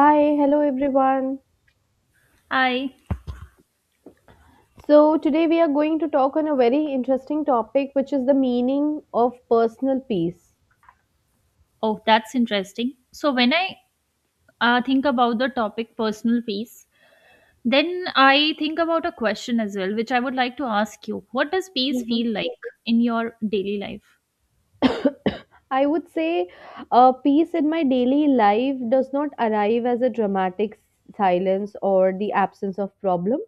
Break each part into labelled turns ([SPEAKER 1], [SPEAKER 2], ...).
[SPEAKER 1] Hi, hello everyone.
[SPEAKER 2] Hi.
[SPEAKER 1] So, today we are going to talk on a very interesting topic, which is the meaning of personal peace.
[SPEAKER 2] Oh, that's interesting. So when I think about the topic personal peace, then I think about a question as well, which I would like to ask you. What does peace
[SPEAKER 1] Hmm.
[SPEAKER 2] feel like in your daily life?
[SPEAKER 1] I would say peace in my daily life does not arrive as a dramatic silence or the absence of problem.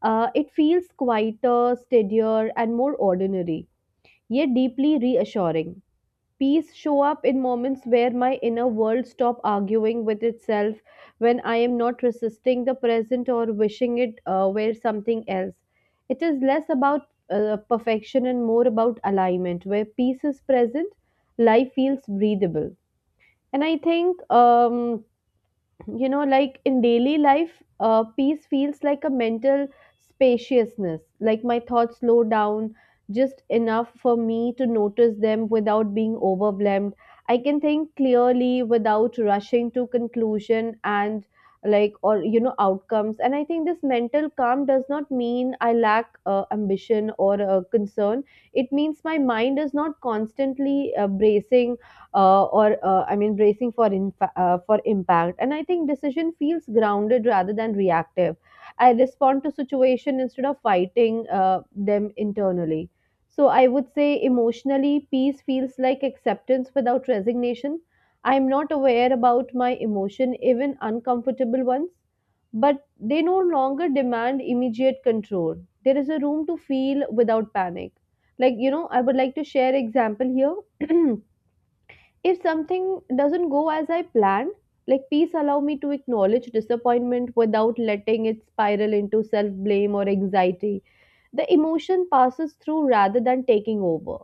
[SPEAKER 1] It feels quieter, steadier, and more ordinary, yet deeply reassuring. Peace show up in moments where my inner world stop arguing with itself, when I am not resisting the present or wishing it were something else. It is less about perfection and more about alignment. Where peace is present, life feels breathable. And I think you know like in daily life peace feels like a mental spaciousness, like my thoughts slow down just enough for me to notice them without being overwhelmed. I can think clearly without rushing to conclusion and like or outcomes. And I think this mental calm does not mean I lack ambition or concern. It means my mind is not constantly bracing, or I mean bracing for for impact. And I think decision feels grounded rather than reactive. I respond to situation instead of fighting them internally. So I would say emotionally, peace feels like acceptance without resignation. I am not aware about my emotion, even uncomfortable ones, but they no longer demand immediate control. There is a room to feel without panic. Like you know, I would like to share example here. If something doesn't go as I plan, like peace allow me to acknowledge disappointment without letting it spiral into self-blame or anxiety. The emotion passes through rather than taking over.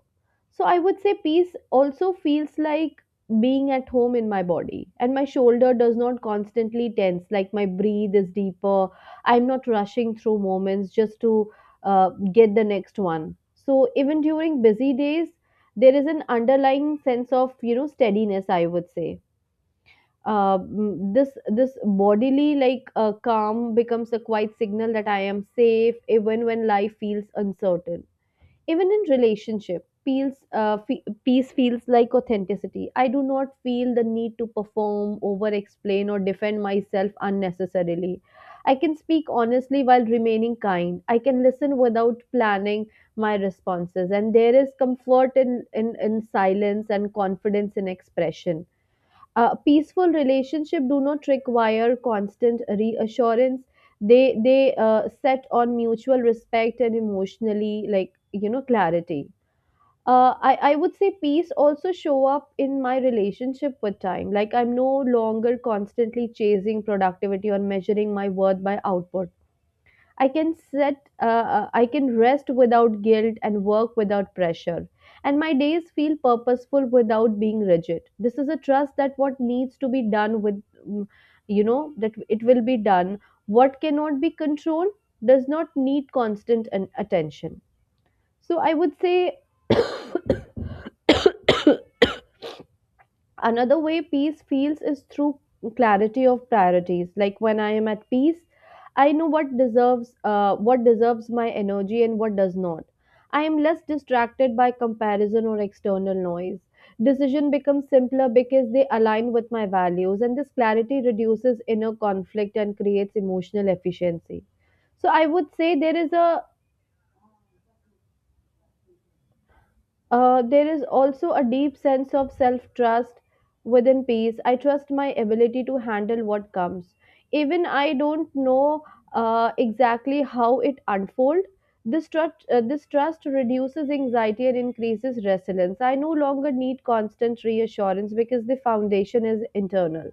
[SPEAKER 1] So I would say peace also feels like being at home in my body, and my shoulder does not constantly tense, like my breathe is deeper. I'm not rushing through moments just to get the next one. So even during busy days there is an underlying sense of, you know, steadiness, I would say. This bodily like calm becomes a quiet signal that I am safe even when life feels uncertain. Even in relationship, peace feels like authenticity. I do not feel the need to perform, over explain, or defend myself unnecessarily. I can speak honestly while remaining kind. I can listen without planning my responses, and there is comfort in silence and confidence in expression. A peaceful relationship do not require constant reassurance. They set on mutual respect and emotionally, like you know, clarity. I would say peace also show up in my relationship with time, like I'm no longer constantly chasing productivity or measuring my worth by output. I can rest without guilt and work without pressure. And my days feel purposeful without being rigid. This is a trust that what needs to be done with, mm, you know, that it will be done. What cannot be controlled does not need constant attention. So I would say another way peace feels is through clarity of priorities, like when I am at peace I know what deserves my energy and what does not. I am less distracted by comparison or external noise. Decision becomes simpler because they align with my values, and this clarity reduces inner conflict and creates emotional efficiency. So I would say there is a there is also a deep sense of self trust within peace. I trust my ability to handle what comes. Even I don't know exactly how it unfolds. This trust reduces anxiety and increases resilience. I no longer need constant reassurance because the foundation is internal.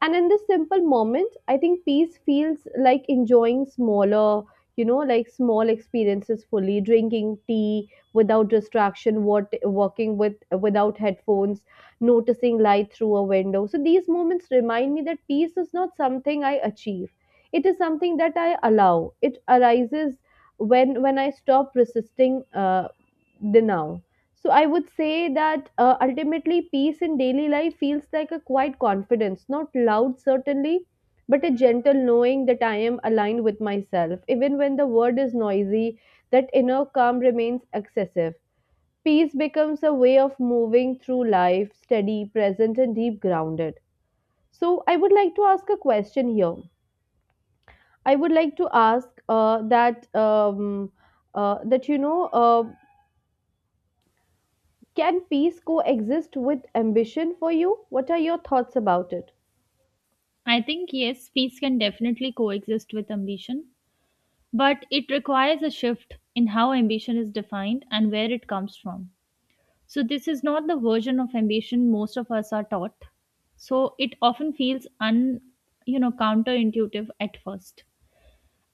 [SPEAKER 1] And in this simple moment, I think peace feels like enjoying smaller, you know, like small experiences fully, drinking tea without distraction, what working with without headphones, noticing light through a window. So these moments remind me that peace is not something I achieve. It is something that I allow. It arises when I stop resisting the now. So I would say that ultimately peace in daily life feels like a quiet confidence, not loud certainly, but a gentle knowing that I am aligned with myself. Even when the world is noisy, that inner calm remains excessive. Peace becomes a way of moving through life, steady, present, and deep grounded. So I would like to ask a question here. I would like to ask that that you know. Can peace coexist with ambition for you? What are your thoughts about it?
[SPEAKER 2] I think yes, peace can definitely coexist with ambition, but it requires a shift in how ambition is defined and where it comes from. So this is not the version of ambition most of us are taught. So it often feels un counterintuitive at first.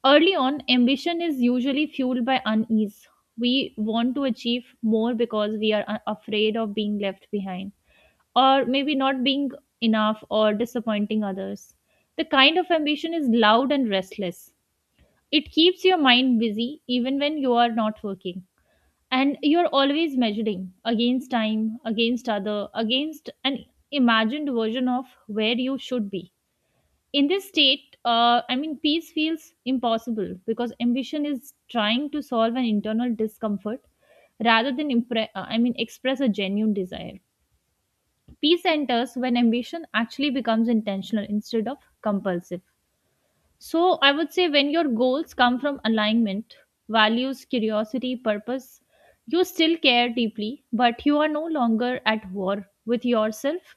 [SPEAKER 2] Early on, ambition is usually fueled by unease. We want to achieve more because we are afraid of being left behind, or maybe not being enough or disappointing others. The kind of ambition is loud and restless. It keeps your mind busy even when you are not working. And you're always measuring against time, against other, against an imagined version of where you should be in this state, I mean, peace feels impossible because ambition is trying to solve an internal discomfort rather than I mean express a genuine desire. Peace enters when ambition actually becomes intentional instead of compulsive. So I would say, when your goals come from alignment, values, curiosity, purpose, you still care deeply, but you are no longer at war with yourself,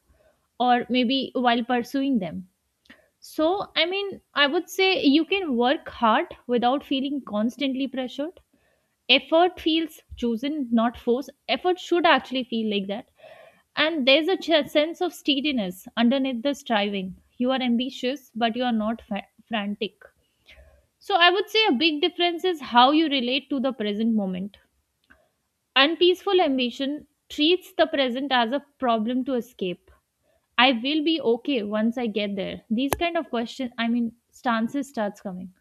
[SPEAKER 2] or maybe while pursuing them. So, I mean, I would say you can work hard without feeling constantly pressured. Effort feels chosen, not forced. Effort should actually feel like that. And there's a sense of steadiness underneath the striving. You are ambitious, but you are not frantic. So, I would say a big difference is how you relate to the present moment. Unpeaceful ambition treats the present as a problem to escape. I will be okay once I get there. These kind of questions, I mean, stances starts coming.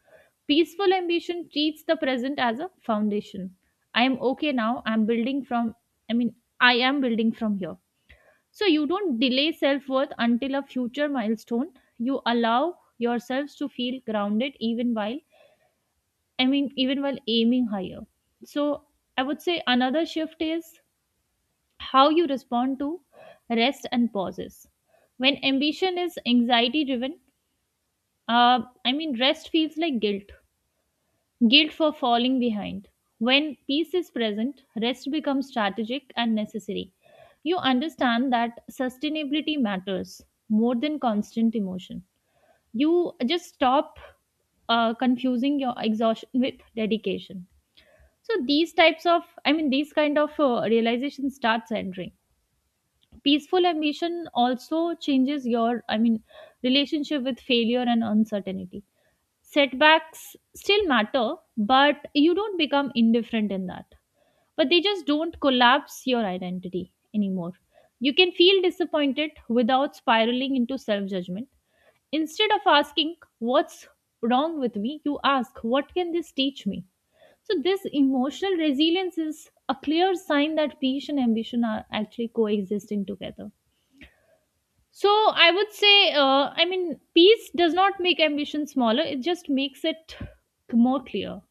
[SPEAKER 2] Peaceful ambition treats the present as a foundation. I am okay now. I'm building from, I mean, I am building from here. So you don't delay self worth until a future milestone. You allow yourselves to feel grounded even while, I mean, even while aiming higher. So I would say another shift is how you respond to rest and pauses. When ambition is anxiety driven, I mean, rest feels like guilt, guilt for falling behind. When peace is present, rest becomes strategic and necessary. You understand that sustainability matters more than constant emotion. You just stop confusing your exhaustion with dedication. So these types of, I mean, these kind of realization starts entering. Peaceful ambition also changes your, I mean, relationship with failure and uncertainty. Setbacks still matter, but you don't become indifferent in that. But they just don't collapse your identity anymore. You can feel disappointed without spiraling into self judgment. Instead of asking, "What's wrong with me?" you ask, "What can this teach me?" So, this emotional resilience is a clear sign that peace and ambition are actually coexisting together. So I would say, I mean, peace does not make ambition smaller, it just makes it more clear.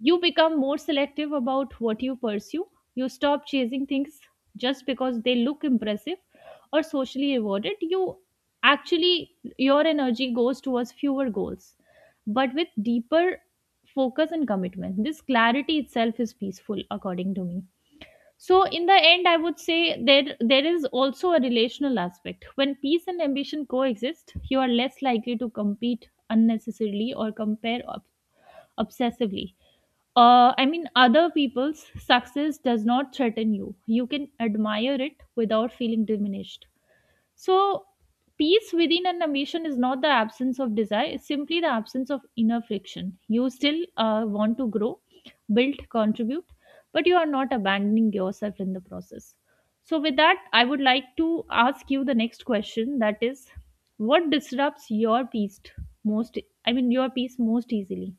[SPEAKER 2] You become more selective about what you pursue. You stop chasing things just because they look impressive or socially rewarded. You actually, your energy goes towards fewer goals, but with deeper focus and commitment. This clarity itself is peaceful, according to me. So in the end, I would say there is also a relational aspect. When peace and ambition coexist, you are less likely to compete unnecessarily or compare obsessively. I mean, other people's success does not threaten you. You can admire it without feeling diminished. So, peace within an ambition is not the absence of desire, it's simply the absence of inner friction. You still want to grow, build, contribute, but you are not abandoning yourself in the process. So, with that, I would like to ask you the next question, that is, what disrupts your peace most? I mean, your peace most easily?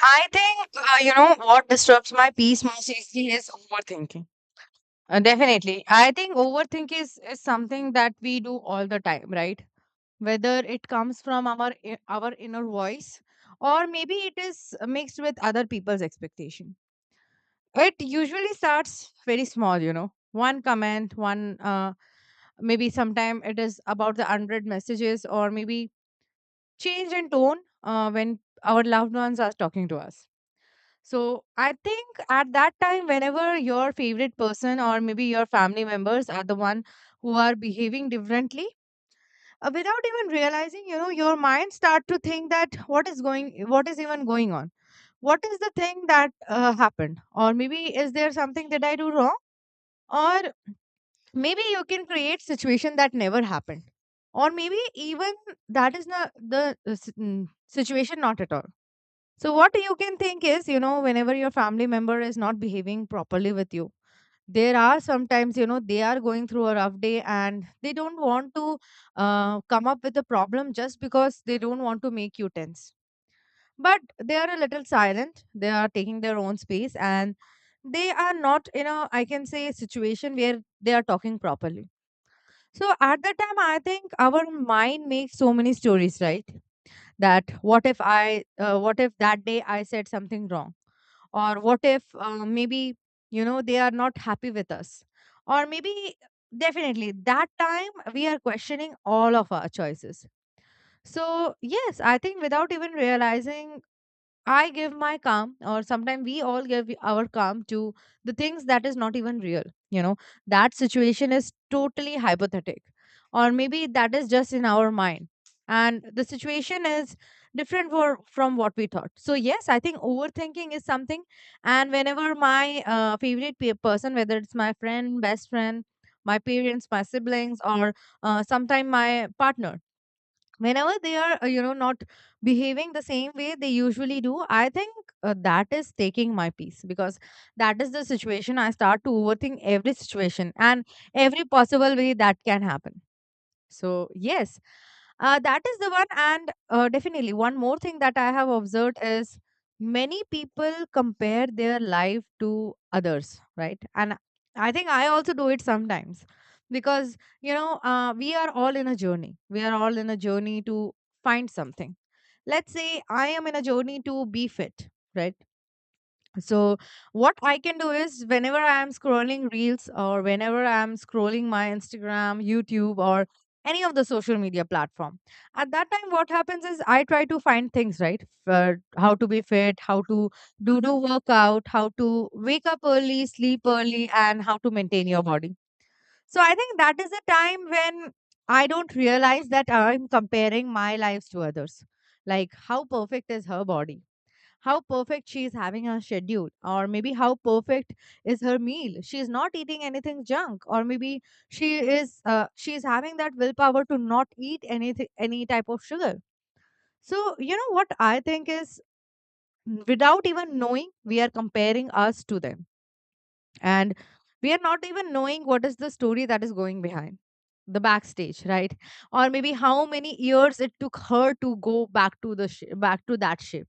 [SPEAKER 3] I think, you know, what disrupts my peace most easily is overthinking. Definitely. I think overthink is something that we do all the time, right? Whether it comes from our inner voice, or maybe it is mixed with other people's expectation. It usually starts very small, you know. One comment, one maybe sometime it is about the unread messages, or maybe change in tone when our loved ones are talking to us. So I think at that time, whenever your favorite person or maybe your family members are the one who are behaving differently, without even realizing, you know, your mind start to think that what is even going on? What is the thing that happened? Or maybe is there something that I do wrong? Or maybe you can create situation that never happened. Or maybe even that is not the situation, not at all. So, what you can think is, you know, whenever your family member is not behaving properly with you, there are sometimes, you know, they are going through a rough day and they don't want to come up with a problem just because they don't want to make you tense. But they are a little silent, they are taking their own space, and they are not in a, I can say, situation where they are talking properly. So, at that time, I think our mind makes so many stories, right? That what if I what if that day I said something wrong, or what if maybe, you know, they are not happy with us, or maybe, definitely that time we are questioning all of our choices. So, yes, I think without even realizing, I give my calm, or sometimes we all give our calm to the things that is not even real. You know, that situation is totally hypothetic, or maybe that is just in our mind. And the situation is different from what we thought. So, yes, I think overthinking is something. And whenever my person, whether it's my friend, best friend, my parents, my siblings, or sometime my partner, whenever they are you know, not behaving the same way they usually do, I think that is taking my peace, because that is the situation I start to overthink every situation and every possible way that can happen. So, yes, that is the one. And definitely, one more thing that I have observed is many people compare their life to others, right? And I think I also do it sometimes because, you know, we are all in a journey. We are all in a journey to find something. Let's say I am in a journey to be fit, right? So, what I can do is whenever I am scrolling reels or whenever I am scrolling my Instagram, YouTube, or any of the social media platform, at that time, what happens is I try to find things, right? For how to be fit, how to do workout, how to wake up early, sleep early, and how to maintain your body. So, I think that is a time when I don't realize that I'm comparing my lives to others. Like, how perfect is her body? How perfect she is having her schedule, or maybe how perfect is her meal, she is not eating anything junk, or maybe she she is having that willpower to not eat anything, any type of sugar. So, you know what I think is, without even knowing, we are comparing us to them, and we are not even knowing what is the story that is going behind the backstage, right? Or maybe how many years it took her to go back to back to that ship,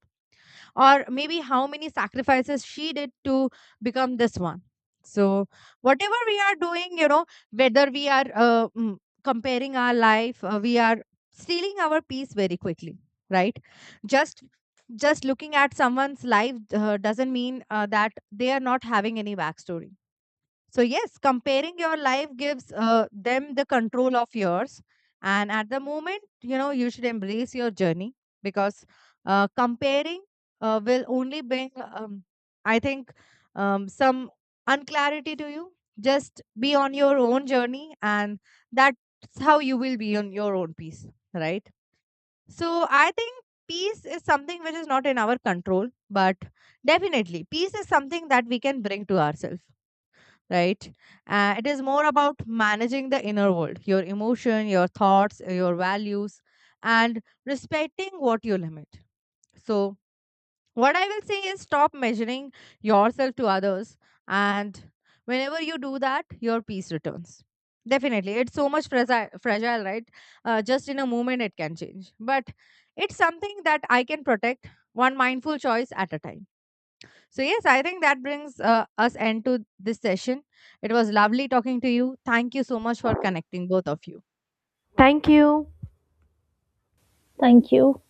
[SPEAKER 3] or maybe how many sacrifices she did to become this one. So, whatever we are doing, you know, whether we are comparing our life, we are stealing our peace very quickly, right? Just just looking at someone's life doesn't mean that they are not having any backstory. So, yes, comparing your life gives them the control of yours. And at the moment, you know, you should embrace your journey, because comparing will only bring, I think, some unclarity to you. Just be on your own journey, and that's how you will be on your own peace, right? So, I think peace is something which is not in our control, but definitely peace is something that we can bring to ourselves, right? It is more about managing the inner world, your emotion, your thoughts, your values, and respecting what you limit. So, what I will say is stop measuring yourself to others, and whenever you do that, your peace returns. Definitely, it's so much fragile, right? Just in a moment, it can change, but it's something that I can protect one mindful choice at a time. So, yes, I think that brings us end to this session. It was lovely talking to you. Thank you so much for connecting, both of you.
[SPEAKER 1] Thank you.
[SPEAKER 2] Thank you.